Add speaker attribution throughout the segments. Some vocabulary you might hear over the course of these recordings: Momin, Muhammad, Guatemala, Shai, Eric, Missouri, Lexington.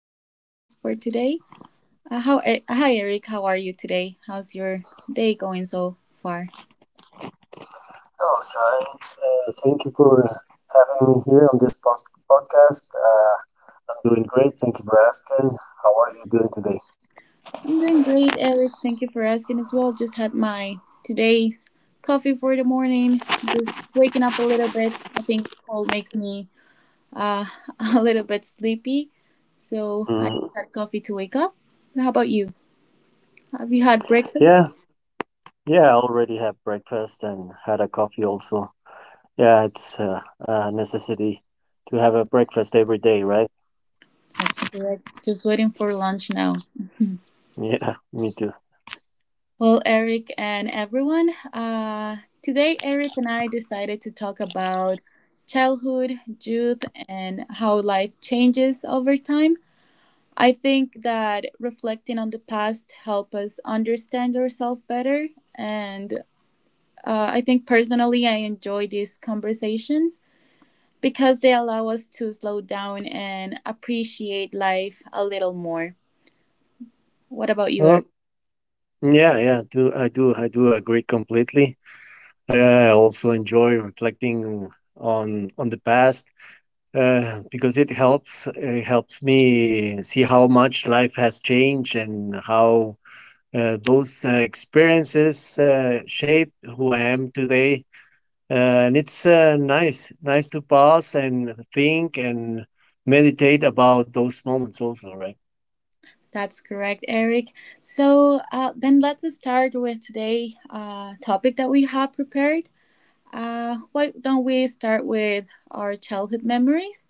Speaker 1: will be our guest for today. Hi, Eric. How are you today? How's your day going so far?
Speaker 2: Hello, Shai. Thank you for having me here on this podcast. I'm doing great. Thank you for asking. How are you doing today?
Speaker 1: I'm doing great, Eric. Thank you for asking as well. Just had my today's coffee for the morning. Just waking up a little bit. I think cold makes me uh, a little bit sleepy, so I
Speaker 2: Mm,
Speaker 1: had coffee to wake up. How about you? Have you had breakfast?
Speaker 2: yeah, yeah, I already had breakfast and had a coffee also. Yeah, it's a necessity to have a breakfast every day, right?
Speaker 1: That's correct. Just waiting for lunch now.
Speaker 2: Yeah, me too.
Speaker 1: Well, Eric and everyone, today Eric and I decided to talk about childhood, youth, and how life changes over time. I think that reflecting on the past help us understand ourselves better, and I think personally I enjoy these conversations because they allow us to slow down and appreciate life a little more. What about you,
Speaker 2: Well,
Speaker 1: Eric?
Speaker 2: yeah, yeah, do I do I do agree completely. I also enjoy reflecting on the past, because it helps me see how much life has changed and how those experiences shape who I am today. And it's nice, nice to pause and think and meditate about those moments also, right?
Speaker 1: That's correct, Eric. So then let's start with today' topic that we have prepared. Why don't we start with our childhood memories?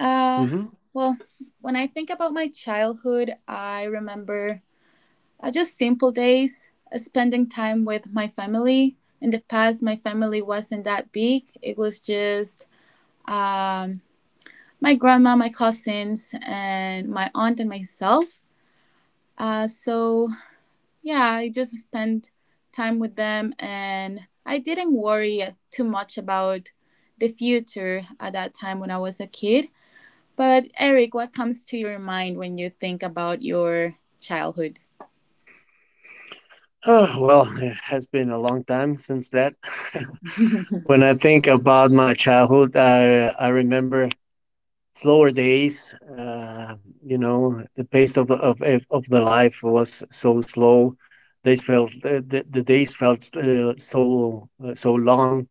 Speaker 1: Uh,
Speaker 2: Hmm.
Speaker 1: well, when I think about my childhood, I remember just simple days spending time with my family. In the past, my family wasn't that big, it was just um, my grandma, my cousins, and my aunt, and myself. So yeah, I just spent time with them and I didn't worry too much about the future at that time when I was a kid. But Eric, what comes to your mind when you think about your childhood?
Speaker 2: Oh, well, it has been a long time since that. When I think about my childhood, I remember slower days. The pace of the life was so slow. Days felt the days felt so so long,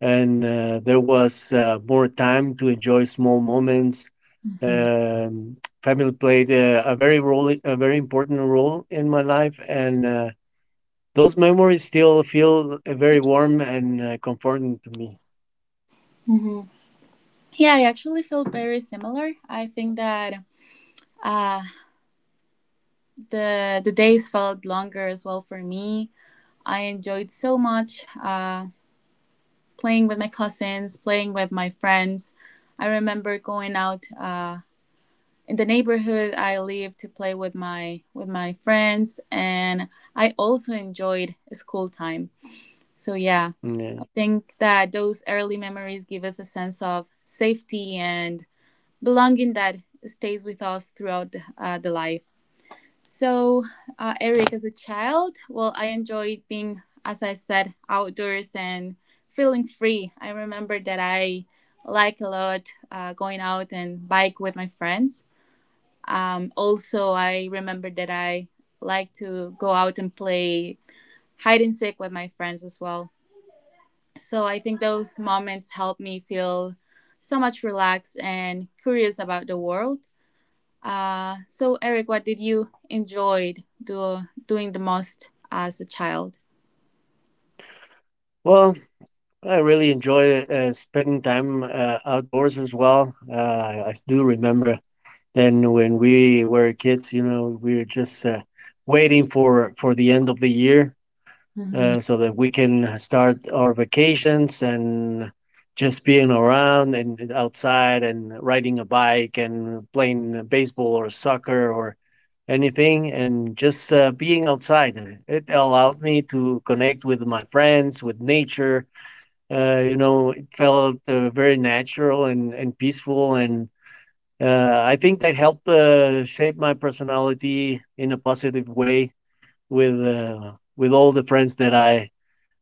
Speaker 2: and there was more time to enjoy small moments.
Speaker 1: Hmm.
Speaker 2: Um, family played a very important role in my life, and those memories still feel very warm and comforting to me.
Speaker 1: Yeah, I actually feel very similar. I think that uh, the days felt longer as well for me. I enjoyed so much playing with my cousins, playing with my friends. I remember going out in the neighborhood I lived to play with my friends, and I also enjoyed school time. So yeah,
Speaker 2: Yeah.
Speaker 1: I think that those early memories give us a sense of safety and belonging that stays with us throughout the life. So Eric, as a child, well, I enjoyed being, as I said, outdoors and feeling free. I remember that I like a lot going out and bike with my friends, also, I remember that I like to go out and play hide and seek with my friends as well. So I think those moments help me feel so much relaxed and curious about the world. So Eric, what did you enjoyed doing the most as a child?
Speaker 2: Well, I really enjoy spending time outdoors as well. I do remember then when we were kids. We were just waiting for the end of the year
Speaker 1: Hmm.
Speaker 2: so that we can start our vacations and just being around and outside and riding a bike and playing baseball or soccer or anything and just being outside. It allowed me to connect with my friends, with nature. It felt very natural and peaceful, and I think that helped shape my personality in a positive way, with all the friends that I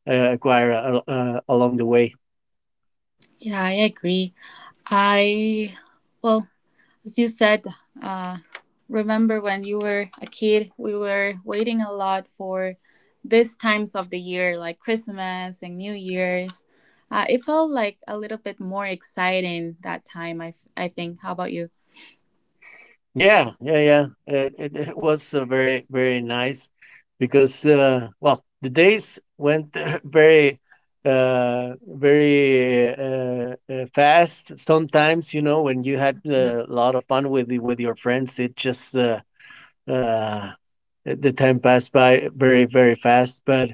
Speaker 2: acquire along the way.
Speaker 1: Yeah, I agree. I well, as you said, uh, remember when you were a kid, we were waiting a lot for these times of the year, like Christmas and New Year's. It felt like a little bit more exciting that time, I think. How about you?
Speaker 2: Yeah, yeah, yeah. It was very, very nice because, well, the days went very, very fast. Sometimes, you know, when you had a lot of fun with with your friends, it just uh, the time passed by very, very fast. But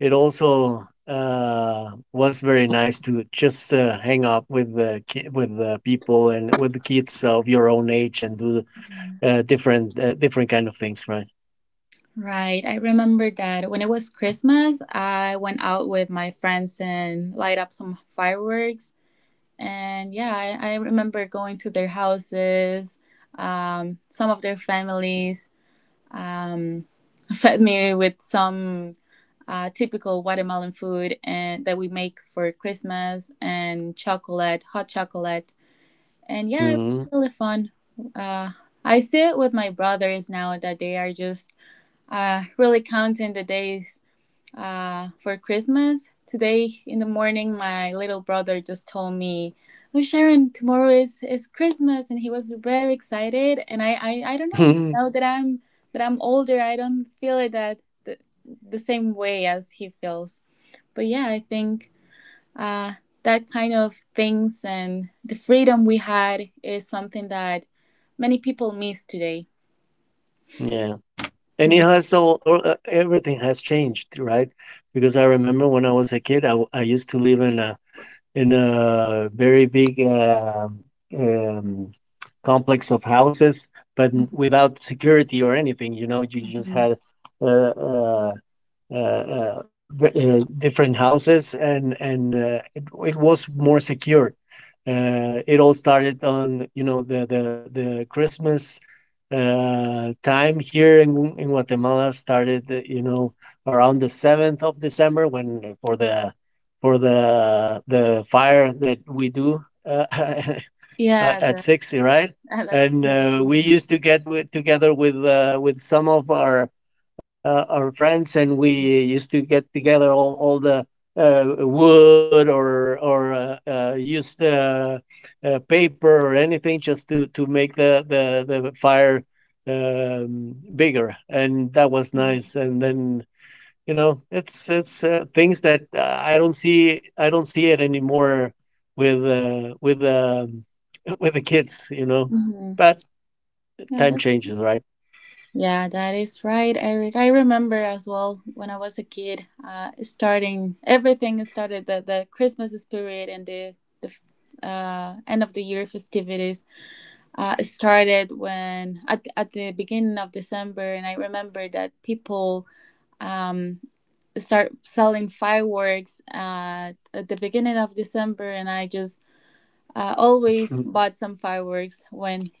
Speaker 2: it also was very nice to just hang out with with the people and with the kids of your own age and do different, different kind of things, right?
Speaker 1: Right. I remember that when it was Christmas, I went out with my friends and light up some fireworks. And yeah, I remember going to their houses, some of their families Um, fed me with some typical Guatemalan food and that we make for Christmas and chocolate, hot chocolate. And yeah, it was
Speaker 2: Mhm.
Speaker 1: really fun. Uh, I see it with my brothers now that they are just really counting the days for Christmas. Today in the morning, my little brother just told me, "Oh, Sharon, tomorrow is Christmas," and he was very excited. And I don't know. Now that I'm older, I don't feel it that the, the same way as he feels. But yeah, I think uh, that kind of things and the freedom we had is something that many people miss today.
Speaker 2: Yeah. And it has all everything has changed, right? Because I remember when I was a kid, I used to live in a very big um, complex of houses, but without security or anything. You know, you
Speaker 1: Mhm.
Speaker 2: just had uh, uh, different houses, and it was more secure. It all started on, the Christmas time here in Guatemala started around the 7th of December, when for the fire that we do, uh,
Speaker 1: Yeah, that,
Speaker 2: at 60, right?
Speaker 1: that's true.
Speaker 2: And we used to get together with some of our friends, and we used to get together all the wood or used paper or anything, just to make the fire bigger, and that was
Speaker 1: Mhm.
Speaker 2: nice. And then, it's things that, I don't see it anymore with, with the kids, you know?
Speaker 1: Mhm.
Speaker 2: But
Speaker 1: Yeah,
Speaker 2: time
Speaker 1: that's
Speaker 2: changes, right?
Speaker 1: yeah, that is right, Eric. I remember as well when I was a kid, starting everything started the Christmas spirit and the end of the year festivities started when at the beginning of December, and I remember that people um, start selling fireworks at the beginning of December, and I just always
Speaker 2: Mm,
Speaker 1: bought some fireworks when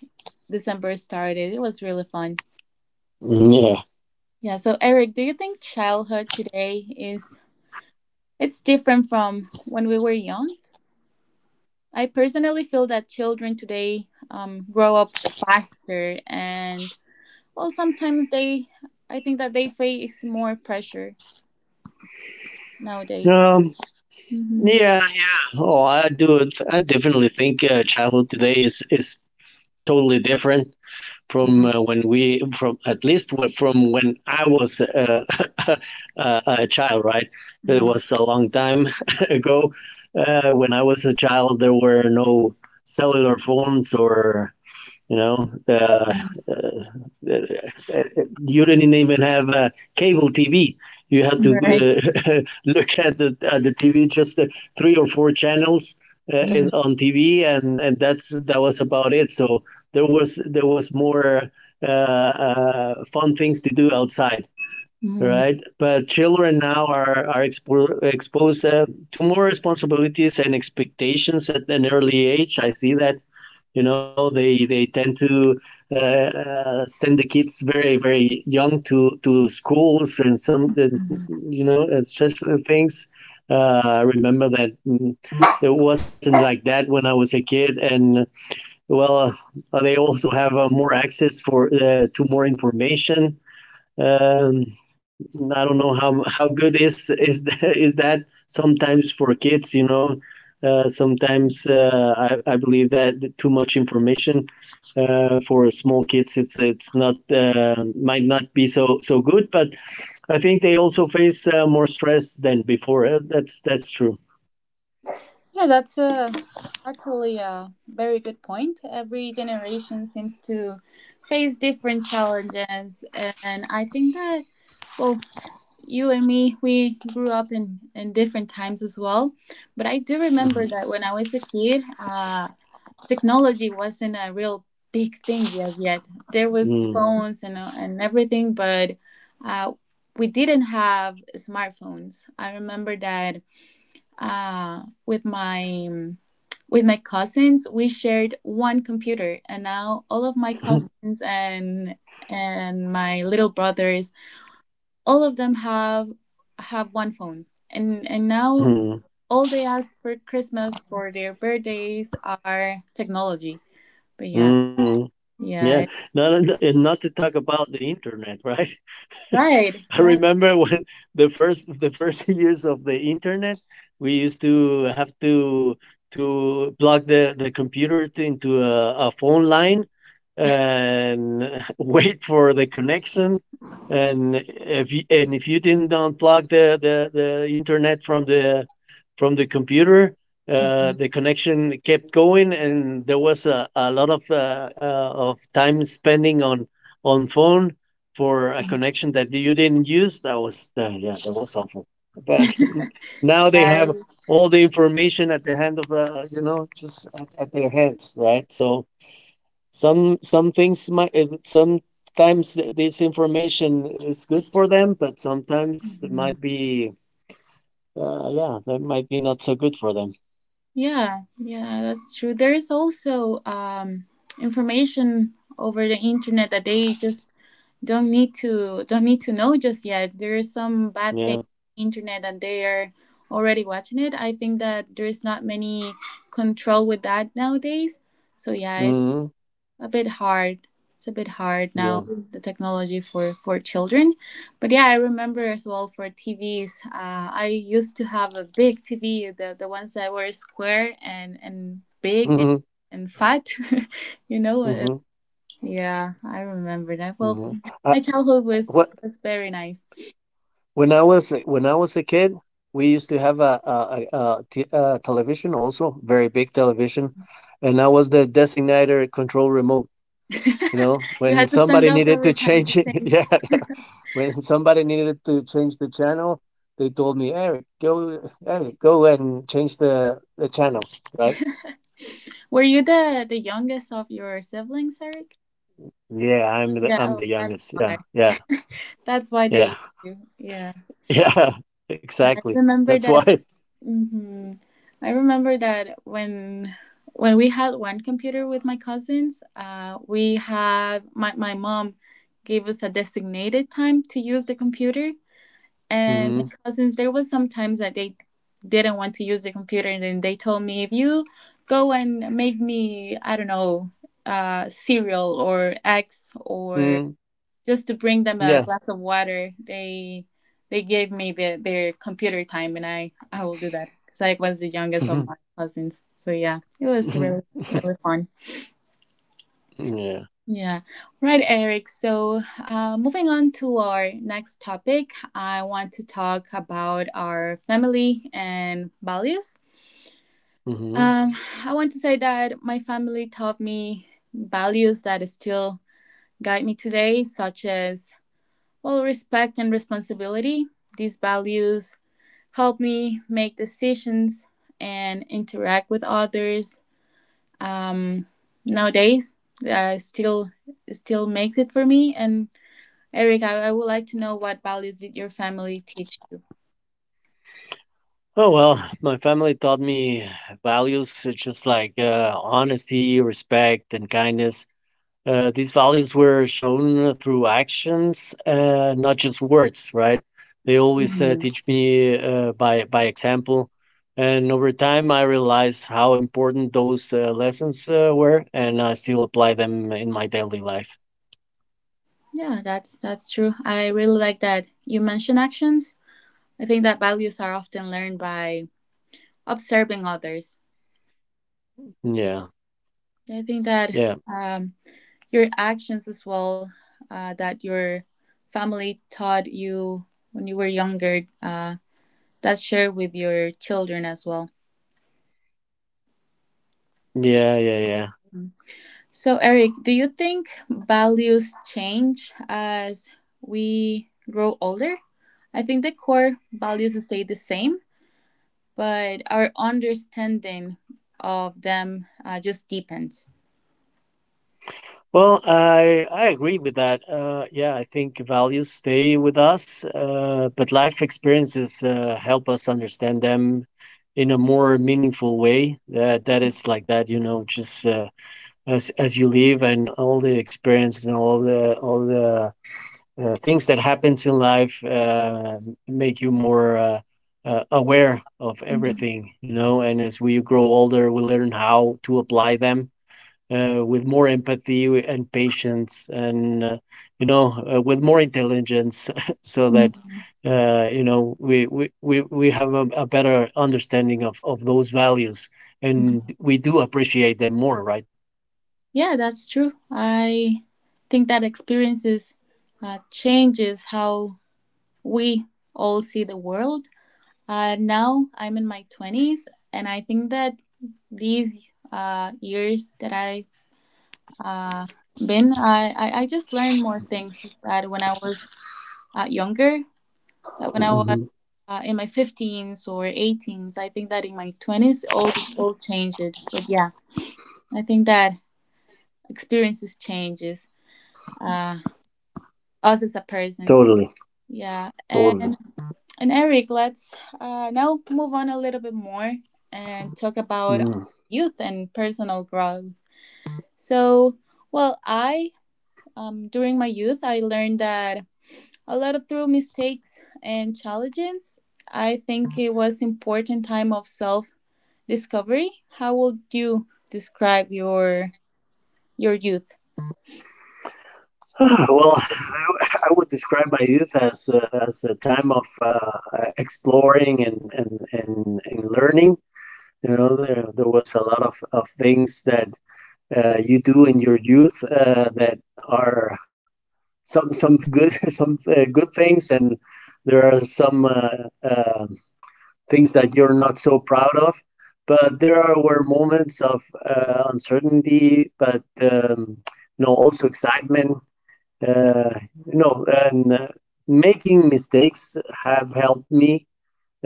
Speaker 1: December started. It was really fun.
Speaker 2: yeah.
Speaker 1: Yeah, so Eric, do you think childhood today is it's different from when we were young? I personally feel that children today grow up faster and well sometimes they I think that they face more pressure nowadays.
Speaker 2: Um,
Speaker 1: Mm-hmm.
Speaker 2: yeah, yeah. Oh, I do. I definitely think, childhood today is totally different from when we from at least from when I was a child, right? It
Speaker 1: Right.
Speaker 2: was a long time ago. When I was a child, there were no cellular phones or, you know, uh, uh, uh, you didn't even have cable TV. You had to
Speaker 1: Right.
Speaker 2: uh, look at the TV, just three or four channels uh, on TV, and, that was about it. So there was more fun things to do outside,
Speaker 1: Hmm.
Speaker 2: right? But children now are exposed to more responsibilities and expectations at an early age. I see that, they tend to send the kids very, very young to schools and some, and such things. I remember that. It wasn't like that when I was a kid. And, well, they also have more access for to more information. um, I don't know how good is is that sometimes for kids. Sometimes I believe that too much information, for small kids, it's not, might not be so good, but I think they also face more stress than before. That's true.
Speaker 1: Yeah, that's a actually a very good point. Every generation seems to face different challenges, and I think that well, you and me we grew up in different times as well, but I do remember that when I was a kid, technology wasn't a real big thing as yet. There was yeah,
Speaker 2: Mm.
Speaker 1: phones and and everything, but uh we didn't have smartphones. I remember that with my cousins we shared one computer, and now all of my cousins and my little brother, all of them have one phone, and now
Speaker 2: Mm.
Speaker 1: all they ask for Christmas for their birthdays are technology. But yeah,
Speaker 2: Mm. Yeah,
Speaker 1: yeah,
Speaker 2: not not to talk about the internet, right?
Speaker 1: right,
Speaker 2: I
Speaker 1: right.
Speaker 2: remember when the first years of the internet, we used to have to plug the computer into a phone line and wait for the connection. And if you didn't unplug the internet from the computer,
Speaker 1: Mhm.
Speaker 2: the connection kept going, and there was a lot of time spending on phone for a connection that you didn't use. Yeah, that was awful. But now they have
Speaker 1: Yes.
Speaker 2: all the information at the hand of just at their hands, right? So some things might, sometimes this information is good for them, but sometimes
Speaker 1: Mhm.
Speaker 2: yeah, that might be not so good for them.
Speaker 1: Yeah, that's true. There is also information over the internet that they just don't need to know just yet. There is some bad
Speaker 2: Yeah.
Speaker 1: thing internet and they are already watching it. I think that there's not many control with that nowadays. So yeah,
Speaker 2: Hmm.
Speaker 1: a bit hard. It's a bit hard
Speaker 2: Yeah.
Speaker 1: now, the technology for children. But yeah, I remember as well for TVs. I used to have a big TV, the ones that were square and big
Speaker 2: Hmm.
Speaker 1: and fat, you know?
Speaker 2: Hmm.
Speaker 1: Yeah, I remember that. Well,
Speaker 2: Hmm. Uh,
Speaker 1: my childhood
Speaker 2: what
Speaker 1: was very nice.
Speaker 2: When I was eh, when I was a kid, we used to have a television also, very big television, and I was the designated control remote. You know,
Speaker 1: You
Speaker 2: when
Speaker 1: had to stand
Speaker 2: somebody
Speaker 1: up
Speaker 2: needed to
Speaker 1: every time to
Speaker 2: change it,
Speaker 1: change.
Speaker 2: yeah, when somebody needed to change the channel, they told me, Eric, go, hey, go and change the channel, right?
Speaker 1: Were you the youngest of your siblings, Eric?
Speaker 2: Yeah,
Speaker 1: Yeah,
Speaker 2: I'm
Speaker 1: oh,
Speaker 2: the
Speaker 1: that's
Speaker 2: youngest. Yeah,
Speaker 1: why.
Speaker 2: yeah,
Speaker 1: That's why they
Speaker 2: yeah,
Speaker 1: used to. Yeah.
Speaker 2: yeah,
Speaker 1: I
Speaker 2: exactly.
Speaker 1: remember
Speaker 2: That's
Speaker 1: that.
Speaker 2: why.
Speaker 1: Hmm. I remember that when we had one computer with my cousins, we had my my mom gave us a designated time to use the computer, and my
Speaker 2: Hmm.
Speaker 1: cousins there was some times that they didn't want to use the computer, and then they told me if you go and make me I don't know cereal or eggs or
Speaker 2: Hmm.
Speaker 1: just to bring them a
Speaker 2: Yeah.
Speaker 1: glass of water. They gave me the, their computer time, and I will do that because I was the youngest of my cousins. So yeah, it was really really fun.
Speaker 2: Yeah.
Speaker 1: Yeah, right, Eric. So moving on to our next topic, I want to talk about our family and values.
Speaker 2: Hmm.
Speaker 1: Um, I want to say that my family taught me values that still guide me today, such as well, respect and responsibility. These values help me make decisions and interact with others. Um, Nowadays, uh, still still makes it for me. And Eric, I would like to know what values did your family teach you?
Speaker 2: Oh, well, my family taught me values such as, like, honesty, respect, and kindness. These values were shown through actions, not just words, right? They always
Speaker 1: Mhm.
Speaker 2: teach me by example, and over time I realized how important those lessons were, and I still apply them in my daily life.
Speaker 1: Yeah, that's true. I really like that you mentioned actions. I think that values are often learned by observing others.
Speaker 2: Yeah,
Speaker 1: I think that
Speaker 2: yeah,
Speaker 1: um, your actions as well that your family taught you when you were younger that share with your children as well.
Speaker 2: yeah, yeah, yeah.
Speaker 1: Mm. So Eric, do you think values change as we grow older? I think the core values stay the same, but our understanding of them just deepens.
Speaker 2: Well, I agree with that. Yeah, I think values stay with us, but life experiences help us understand them in a more meaningful way. That is like that, you know, just as you live, and all the experiences and all the things that happens in life make you more aware of everything, you know. And as we grow older, we learn how to apply them with more empathy and patience and, with more intelligence, so that,
Speaker 1: Mhm.
Speaker 2: we have a better understanding of those values,
Speaker 1: Mhm.
Speaker 2: and we do appreciate them more, right?
Speaker 1: Yeah, that's true. I think that experiences changes how we all see the world. Now I'm in my 20s, and I think that these years that I uh, been, I just learned more things that when I was younger, that when I was
Speaker 2: Mhm.
Speaker 1: in my 15s or 18s, I think that in my 20s, all changed. But yeah, I think that experiences changes uh, us as a person.
Speaker 2: Totally,
Speaker 1: Yeah,
Speaker 2: totally.
Speaker 1: and Eric, let's now move on a little bit more and talk about
Speaker 2: Mm.
Speaker 1: youth and personal growth. So, well, I during my youth, I learned that a lot of through mistakes and challenges. I think it was important time of self discovery. How would you describe your youth?
Speaker 2: Well, I would describe my youth as, a time of exploring, and, learning. You know, there was a lot of things that you do in your youth that are, some good some good things, and there are some things that you're not so proud of, but there are were moments of uncertainty, but, also excitement, uh, you know and making mistakes have helped me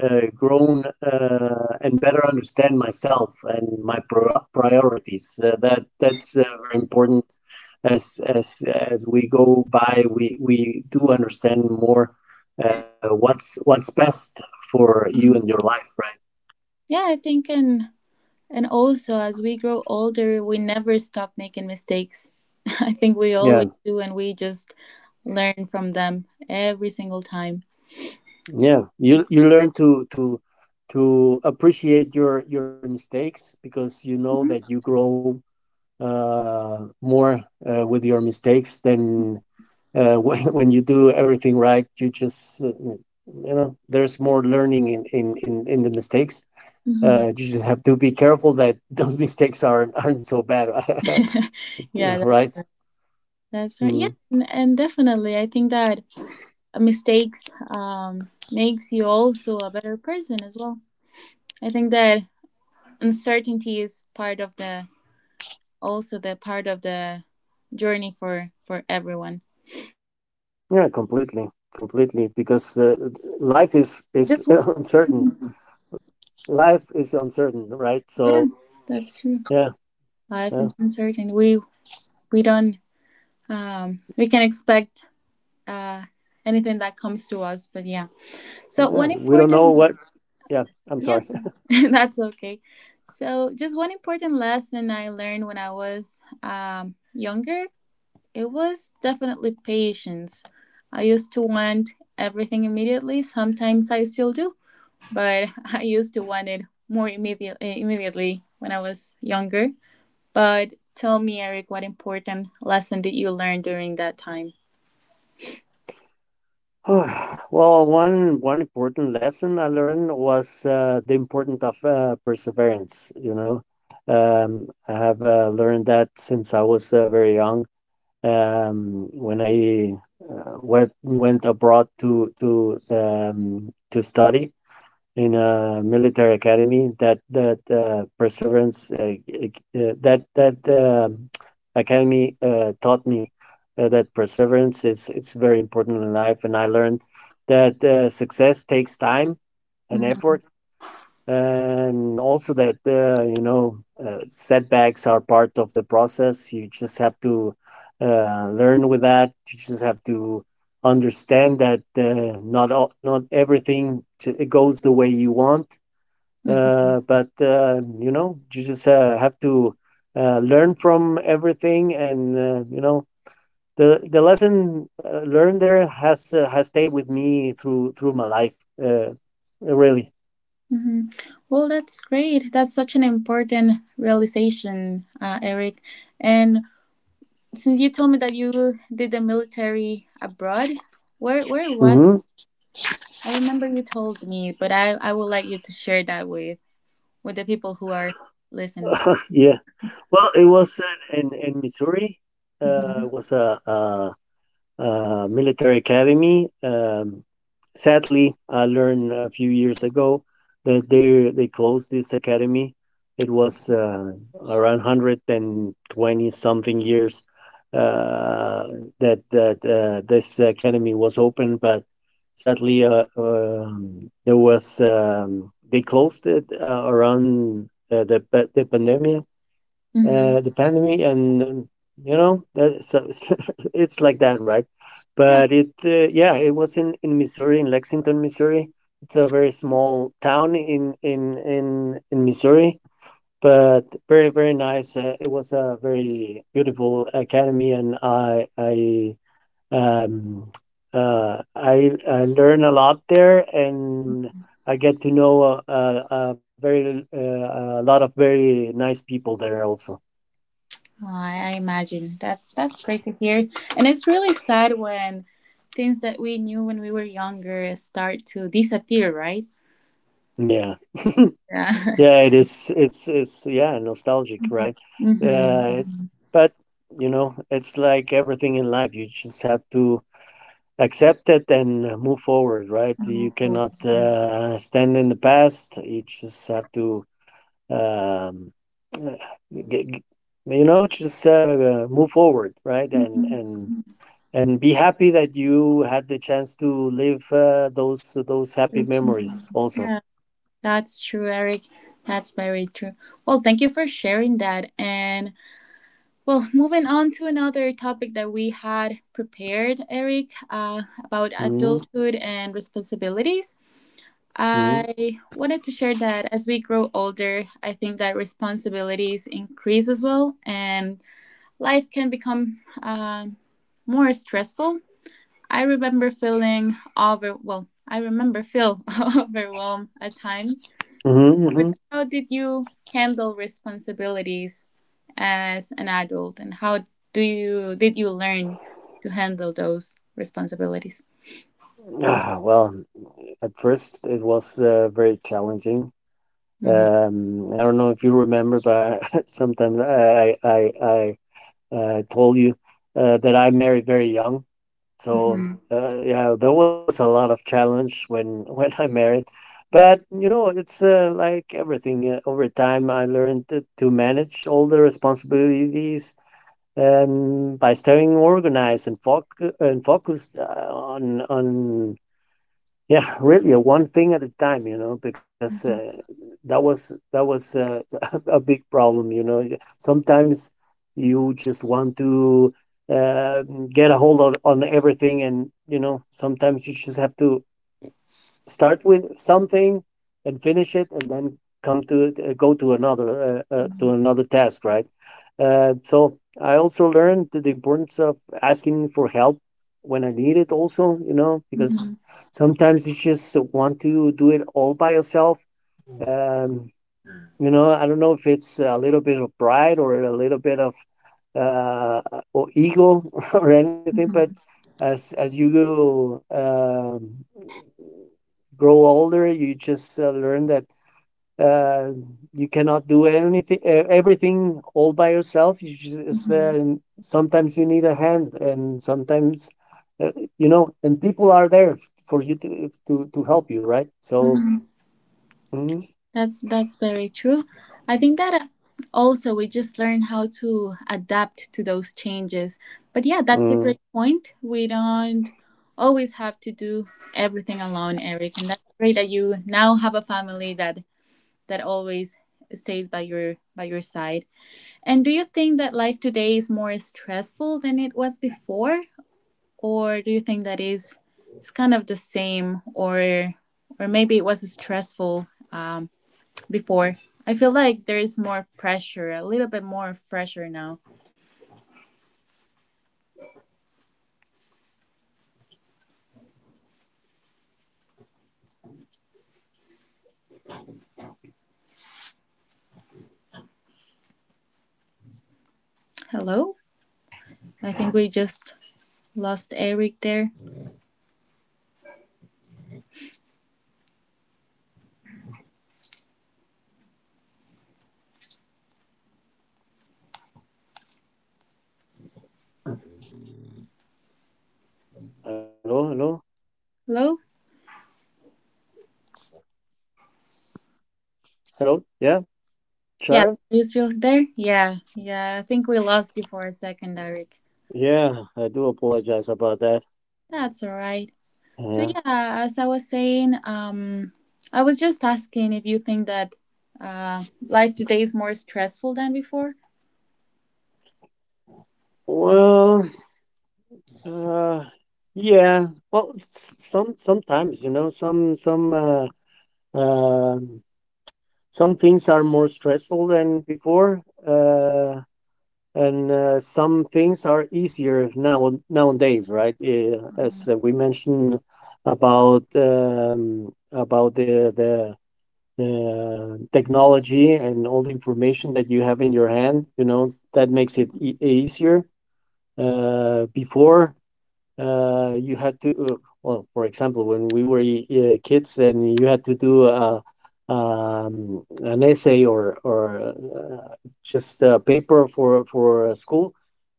Speaker 2: grown and better understand myself and my priorities. That that's very important. As we go by, we do understand more what's best for you and your life, right?
Speaker 1: Yeah, I think in and also, as we grow older, we never stop making mistakes. I think we always
Speaker 2: Yeah,
Speaker 1: do, and we just learn from them every single time.
Speaker 2: yeah. You learn to appreciate your mistakes, because you know that you grow uh more, with your mistakes, than when you do everything right. You just, there's more learning in the mistakes.
Speaker 1: Mhm.
Speaker 2: You just have to be careful that those mistakes aren't so bad,
Speaker 1: Yeah,
Speaker 2: right?
Speaker 1: that's right. Yeah,
Speaker 2: Mm.
Speaker 1: and definitely, I think that mistakes makes you also a better person as well. I think that uncertainty is part of the also the part of the journey for everyone.
Speaker 2: Yeah, completely, completely. Because life is
Speaker 3: That's one
Speaker 2: uncertain.
Speaker 3: important.
Speaker 2: Life is uncertain, right?
Speaker 3: Yeah,
Speaker 2: So
Speaker 3: that's true.
Speaker 2: yeah,
Speaker 3: Life
Speaker 2: yeah,
Speaker 3: is uncertain. We don't we can expect uh anything that comes to us, but yeah. So
Speaker 2: yeah.
Speaker 3: one
Speaker 2: We don't know
Speaker 3: important,
Speaker 2: what. Yeah, I'm sorry.
Speaker 3: yes, that's okay. So just one important lesson I learned when I was younger, it was definitely patience. I used to want everything immediately. Sometimes I still do, but I used to want it more immediately when I was younger. But tell me, Eric, what important lesson did you learn during that time?
Speaker 2: Well, one important lesson I learned was the importance of perseverance. I have learned that since I was very young. When I went abroad to study in a military academy that academy taught me that perseverance is it's very important in life, and I learned that success takes time and
Speaker 3: Mhm,
Speaker 2: effort, and also that setbacks are part of the process. You just have to learn with that. You just have to understand that not everything it goes the way you want,
Speaker 3: mhm,
Speaker 2: but you just have to learn from everything. And the lesson learned there has stayed with me through my life. Uh, Really.
Speaker 3: mhm. Well, that's great. That's such an important realization, Eric. And since you told me that you did the military abroad, where was?
Speaker 2: Hmm.
Speaker 3: I remember you told me, but I would like you to share that with the people who are listening.
Speaker 2: Yeah. Well, it was in Missouri.
Speaker 3: Mhm.
Speaker 2: It was a military academy. Sadly, I learned a few years ago that they closed this academy. It was around 120 something years uh, that this academy was open, but sadly, there was they closed it around the pandemic,
Speaker 3: Mhm.
Speaker 2: the pandemic and you know that, so, it's like that, right?
Speaker 3: Yeah,
Speaker 2: But it yeah, it was in Missouri. In Lexington, Missouri. It's a very small town in Missouri, but very, very nice. It was a very beautiful academy, and um I learn a lot there, and I get to know a very a lot of very nice people there also.
Speaker 3: oh, I imagine that's great to hear, and it's really sad when things that we knew when we were younger start to disappear, right?
Speaker 2: Yeah.
Speaker 3: Yeah.
Speaker 2: Yeah, it is. It's, yeah, nostalgic, right?
Speaker 3: Mm-hmm.
Speaker 2: Uh, but it's like everything in life. You just have to accept it and move forward, right? You cannot
Speaker 3: Yeah.
Speaker 2: stand in the past. You just have to, um, uh, g- g- just move forward, right? And be happy that you had the chance to live those happy memories also.
Speaker 3: Yeah, that's true, Eric. That's very true. Well, thank you for sharing that. And well, moving on to another topic that we had prepared, Eric, about
Speaker 2: Hmm.
Speaker 3: adulthood and responsibilities.
Speaker 2: Hmm.
Speaker 3: I wanted to share that as we grow older, I think that responsibilities increase as well, and life can become more stressful. I remember feel overwhelmed at times.
Speaker 2: Hmm.
Speaker 3: But
Speaker 2: Hmm.
Speaker 3: how did you handle responsibilities as an adult, and how do you did you learn to handle those responsibilities?
Speaker 2: Ah, well, at first it was very challenging.
Speaker 3: Mhm.
Speaker 2: I don't know if you remember, but sometimes I, I told you that I married very young. So
Speaker 3: Mhm.
Speaker 2: yeah, there was a lot of challenge when when I married. But it's like everything. Over time, I learned to manage all the responsibilities by staying organized and focused on, yeah, really, one thing at a time, you know, because
Speaker 3: Mhm.
Speaker 2: that was a big problem. Y- sometimes you just want to uh, get a hold on everything, and sometimes you just have to Start with something and finish it, and then come to it, go to
Speaker 3: Mhm.
Speaker 2: another task, right? So I also learned the importance of asking for help when I need it. Also,
Speaker 3: Mhm.
Speaker 2: because sometimes you just want to do it all by yourself. Um, I don't know if it's a little bit of pride or a little bit of uh, or ego or anything, but
Speaker 3: Mhm.
Speaker 2: as you go. Um. grow older, you just learn that uh, you cannot do everything all by yourself. You just
Speaker 3: Mhm.
Speaker 2: sometimes you need a hand, and sometimes uh, and people are there for you to help you, right? So.
Speaker 3: Mm-hmm.
Speaker 2: Mm.
Speaker 3: That's very true. I think that also we just learn how to adapt to those changes. But yeah, that's a
Speaker 2: Mm.
Speaker 3: great point. We don't always have to do everything alone, Eric, and that's great that you now have a family that always stays by your side. And do you think that life today is more stressful than it was before, or do you think that is it's kind of the same, or maybe it was stressful Um before? I feel like there is more pressure, a little bit more of pressure now. Hello? I think we just lost Eric there.
Speaker 2: Hello, hello,
Speaker 3: Hello?
Speaker 2: hello. Yeah,
Speaker 3: Yeah, are
Speaker 2: sure.
Speaker 3: you still there? Yeah, yeah, I think we lost you for a second, Eric.
Speaker 2: Yeah, I do apologize about that.
Speaker 3: That's all right. So,
Speaker 2: Yeah.
Speaker 3: yeah, as I was saying, I was just asking if you think that life today is more stressful than before.
Speaker 2: Well, uh, yeah. Well, sometimes um some things are more stressful than before, and some things are easier nowadays, right?
Speaker 3: Mhm.
Speaker 2: As we mentioned about the technology and all the information that you have in your hand. That makes it easier. Uh, before, you had to well, for example, when we were kids and you had to do an essay or just a paper for a school,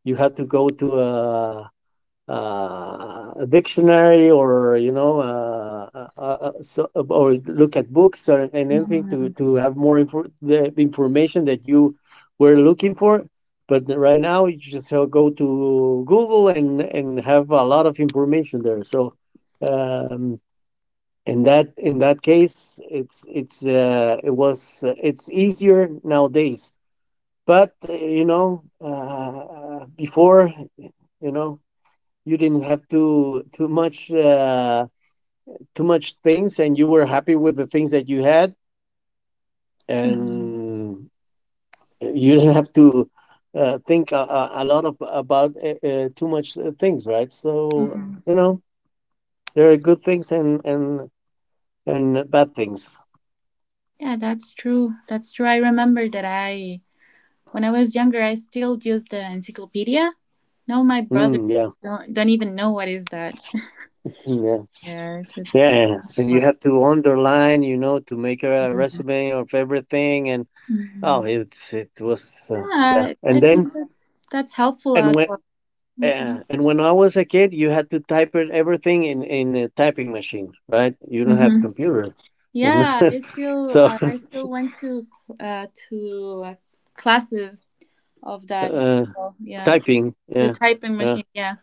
Speaker 2: you had to go to uh, a dictionary or or look at books or, and anything to have more the information that you were looking for. But right now you just go to Google and have a lot of information there. So um in that case it's, it's easier nowadays. But before, you know you didn't have too much things, and you were happy with the things that you had,
Speaker 3: Mhm.
Speaker 2: and you didn't have to think a lot of about too much things, right? So
Speaker 3: Mhm.
Speaker 2: you know there are good things and and bad things.
Speaker 3: Yeah, that's true. That's true. I remember that when I was younger, I still used the encyclopedia. No, my brother
Speaker 2: Mm, yeah,
Speaker 3: don't even know what is that.
Speaker 2: mm,
Speaker 3: Yeah, it's,
Speaker 2: yeah,
Speaker 3: it's
Speaker 2: yeah. Yeah. And you have to underline, to make a resume of everything. And oh,
Speaker 3: mhm,
Speaker 2: it was yeah.
Speaker 3: yeah.
Speaker 2: And
Speaker 3: I
Speaker 2: then
Speaker 3: think that's helpful
Speaker 2: and
Speaker 3: as
Speaker 2: when
Speaker 3: well.
Speaker 2: Yeah, and when I was a kid, you had to type it everything in a typing machine, right? You don't have
Speaker 3: Hmm.
Speaker 2: computer,
Speaker 3: Yeah,
Speaker 2: so
Speaker 3: I still went to classes of that as
Speaker 2: uh,
Speaker 3: well. Yeah,
Speaker 2: typing,
Speaker 3: the
Speaker 2: yeah,
Speaker 3: typing
Speaker 2: yeah,
Speaker 3: machine. Yeah,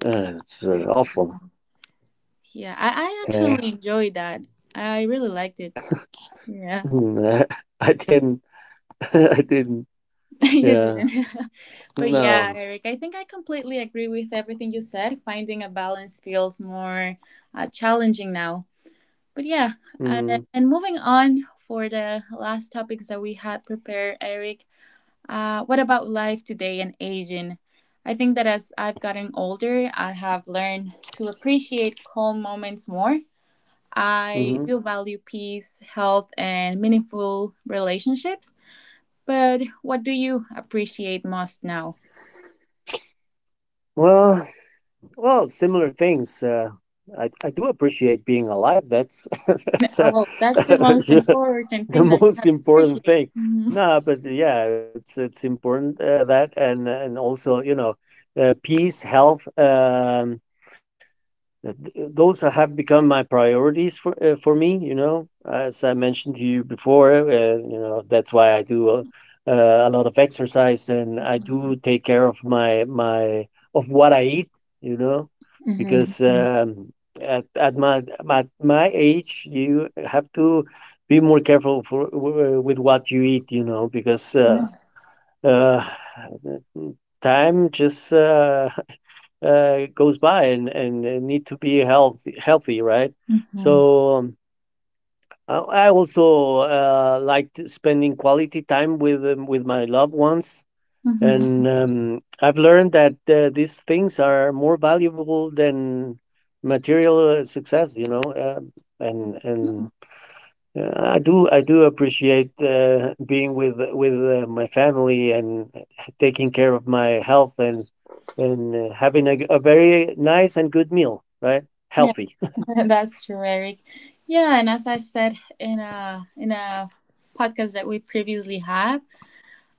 Speaker 2: it's
Speaker 3: yeah.
Speaker 2: awful.
Speaker 3: I
Speaker 2: Yeah.
Speaker 3: actually enjoyed that. I really liked it. Yeah,
Speaker 2: Mm, I didn't, I didn't.
Speaker 3: you
Speaker 2: Yeah,
Speaker 3: didn't. But yeah,
Speaker 2: no.
Speaker 3: Eric, I think I completely agree with everything you said. Finding a balance feels more challenging now. But yeah, uh,
Speaker 2: Mm.
Speaker 3: and moving on for the last topics that we had prepared, Eric. What about life today and aging? I think that as I've gotten older, I have learned to appreciate calm moments more. I
Speaker 2: Hmm.
Speaker 3: do value peace, health, and meaningful relationships. But what do you appreciate most now?
Speaker 2: Well, similar things. I do appreciate being alive. That's that's
Speaker 3: Oh, well, that's the most important
Speaker 2: The
Speaker 3: thing that we
Speaker 2: most
Speaker 3: have to
Speaker 2: important
Speaker 3: appreciate.
Speaker 2: thing.
Speaker 3: Mm-hmm.
Speaker 2: No, but yeah, it's important that, and also, peace, health, Th th those have become my priorities for me. You know, as I mentioned to you before, that's why I do a lot of exercise, and I do take care of my my of what I eat, you know, because
Speaker 3: Mm-hmm.
Speaker 2: at at my at my age, you have to be more careful with what you eat, because
Speaker 3: Yeah.
Speaker 2: uh, time just goes by, and, and need to be healthy, healthy, right?
Speaker 3: Mm-hmm.
Speaker 2: So I also like spending quality time with my loved ones, and
Speaker 3: Mm-hmm.
Speaker 2: I've learned that these things are more valuable than material success. And
Speaker 3: Yeah.
Speaker 2: and yeah, I do appreciate being with my family, and taking care of my health, and having a very nice and good meal, right? Healthy.
Speaker 3: That's true, Eric. Yeah, and as I said in a podcast that we previously had,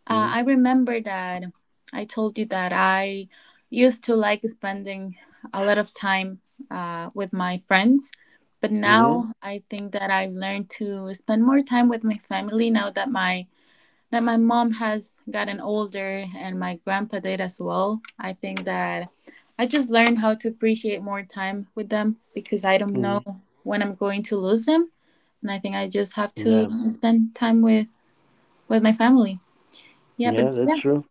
Speaker 2: Mm-hmm.
Speaker 3: I remember that I told you that I used to like spending a lot of time with my friends, but now I think that I've learned to spend more time with my family now that my mom has gotten older and my grandpa did as well. I think that I just learned how to appreciate more time with them because I don't
Speaker 2: Hmm.
Speaker 3: know when I'm going to lose them. And I think I just have to
Speaker 2: Yeah,
Speaker 3: spend time with my family. Yeah, but
Speaker 2: yeah,
Speaker 3: yeah,
Speaker 2: that's true.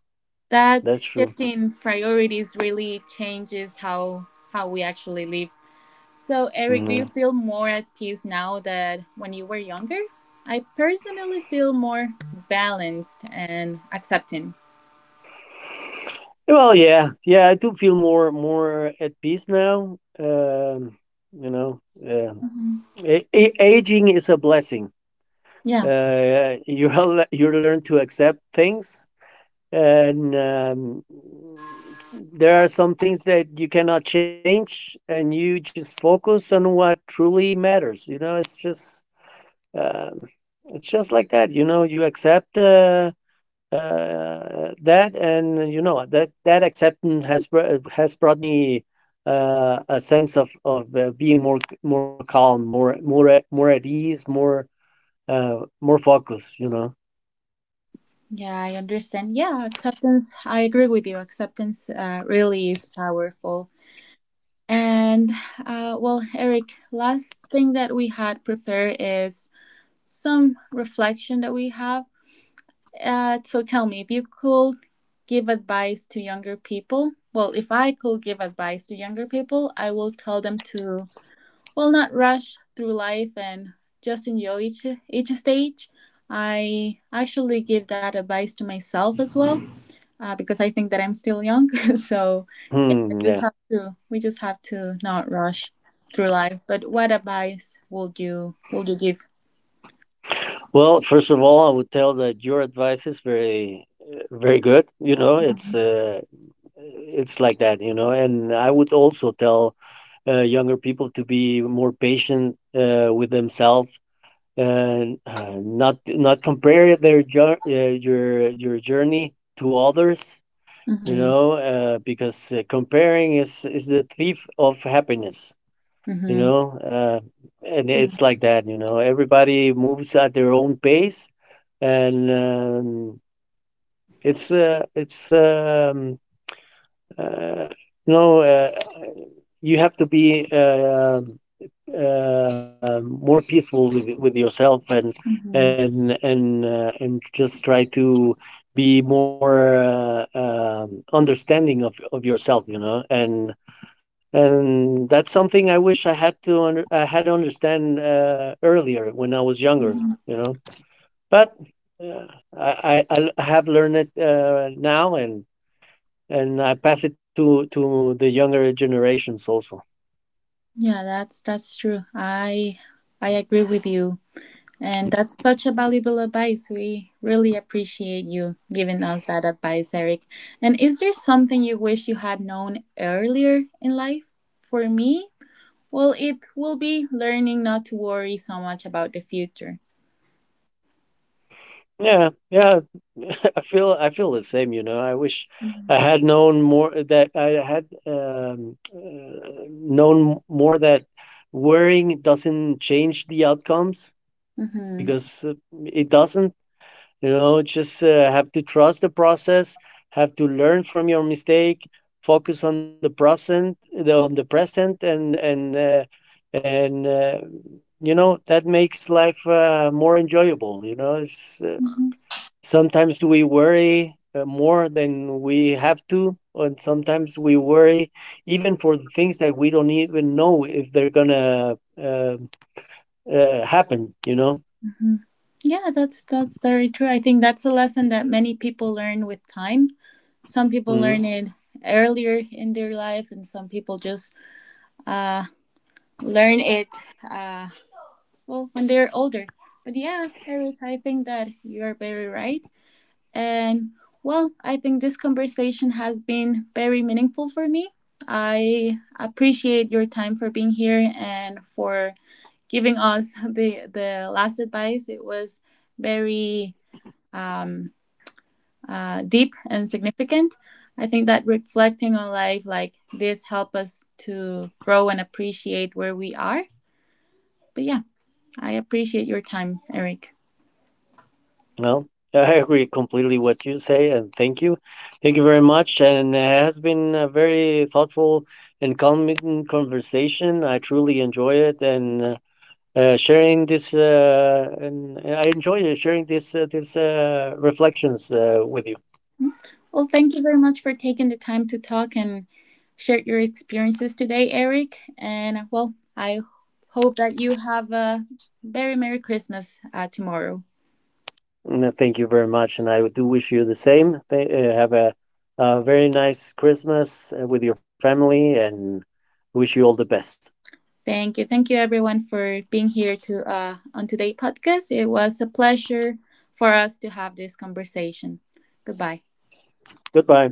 Speaker 3: that
Speaker 2: That's true.
Speaker 3: shifting priorities really changes how we actually live. So, Eric, do you
Speaker 2: Yeah.
Speaker 3: feel more at peace now that when you were younger? I personally feel more balanced and accepting.
Speaker 2: Well, yeah, yeah. I do feel more at peace now. You know, uh,
Speaker 3: Mhm.
Speaker 2: aging is a blessing.
Speaker 3: Yeah,
Speaker 2: You you learn to accept things, and there are some things that you cannot change, and you just focus on what truly matters. Um, it's just like that. You accept that, and you know that that acceptance has brought me a sense of being more calm, more at ease, more focused, you know.
Speaker 3: yeah, I understand. Yeah, acceptance, I agree with you. Acceptance really is powerful. And well, Eric, last thing that we had prepared is some reflection that we have. So tell me, if you could give advice to younger people, well, if I could give advice to younger people, I will tell them to, well, not rush through life and just enjoy each stage. I actually give that advice to myself as well, because I think that I'm still young. So yeah, I
Speaker 2: Hmm,
Speaker 3: just
Speaker 2: yeah.
Speaker 3: have to we just have to not rush through life. But what advice would you give?
Speaker 2: Well, first of all, I would tell that your advice is very, very good. It's it's like that. And I would also tell younger people to be more patient with themselves, and not compare your journey to others.
Speaker 3: Mm-hmm,
Speaker 2: Because comparing is the thief of happiness. You
Speaker 3: mm-hmm,
Speaker 2: know, uh, and it's like that. Everybody moves at their own pace, and it's uh, you know, you have to be more peaceful with yourself and
Speaker 3: mm-hmm.
Speaker 2: just try to be more understanding of yourself. And that's something I wish I had to understand earlier, when I was younger, you know. But I have learned it now, and I pass it to the younger generations also.
Speaker 3: Yeah, that's true. I agree with you. And that's such a valuable advice. We really appreciate you giving us that advice, Eric. And is there something you wish you had known earlier in life? For me, well, it will be learning not to worry so much about the future.
Speaker 2: Yeah, yeah. I feel the same. I wish
Speaker 3: Mm-hmm.
Speaker 2: I had known more that I had known more that worrying doesn't change the outcomes,
Speaker 3: Hmm.
Speaker 2: because it doesn't. Just have to trust the process, have to learn from your mistake, focus on the on the present, and and uh, you know that makes life more enjoyable.
Speaker 3: Hmm.
Speaker 2: Sometimes we worry more than we have to, and sometimes we worry even for the things that we don't even know if they're gonna uh, happen. You know.
Speaker 3: Yeah, that's very true. I think that's a lesson that many people learn with time. Some people
Speaker 2: Mhm.
Speaker 3: learn it earlier in their life, and some people just uh, learn it Uh, well when they're older. But yeah, Eric, I think that you are very right. And well, I think this conversation has been very meaningful for me. I appreciate your time for being here and for giving us the last advice. It was very um, deep and significant. I think that reflecting on life like this help us to grow and appreciate where we are. But yeah, I appreciate your time, Eric.
Speaker 2: Well, I agree completely what you say, and thank you. Thank you very much. And it has been a very thoughtful and calming conversation. I truly enjoy it, and sharing this. And I enjoy sharing this reflections with you.
Speaker 3: Well, thank you very much for taking the time to talk and share your experiences today, Eric. And well, I hope that you have a very Merry Christmas tomorrow.
Speaker 2: And thank you very much. And I do wish you the same. Have a very nice Christmas with your family, and wish you all the best.
Speaker 3: Thank you. Thank you, everyone, for being here to, on today's podcast. It was a pleasure for us to have this conversation. Goodbye.
Speaker 2: Goodbye.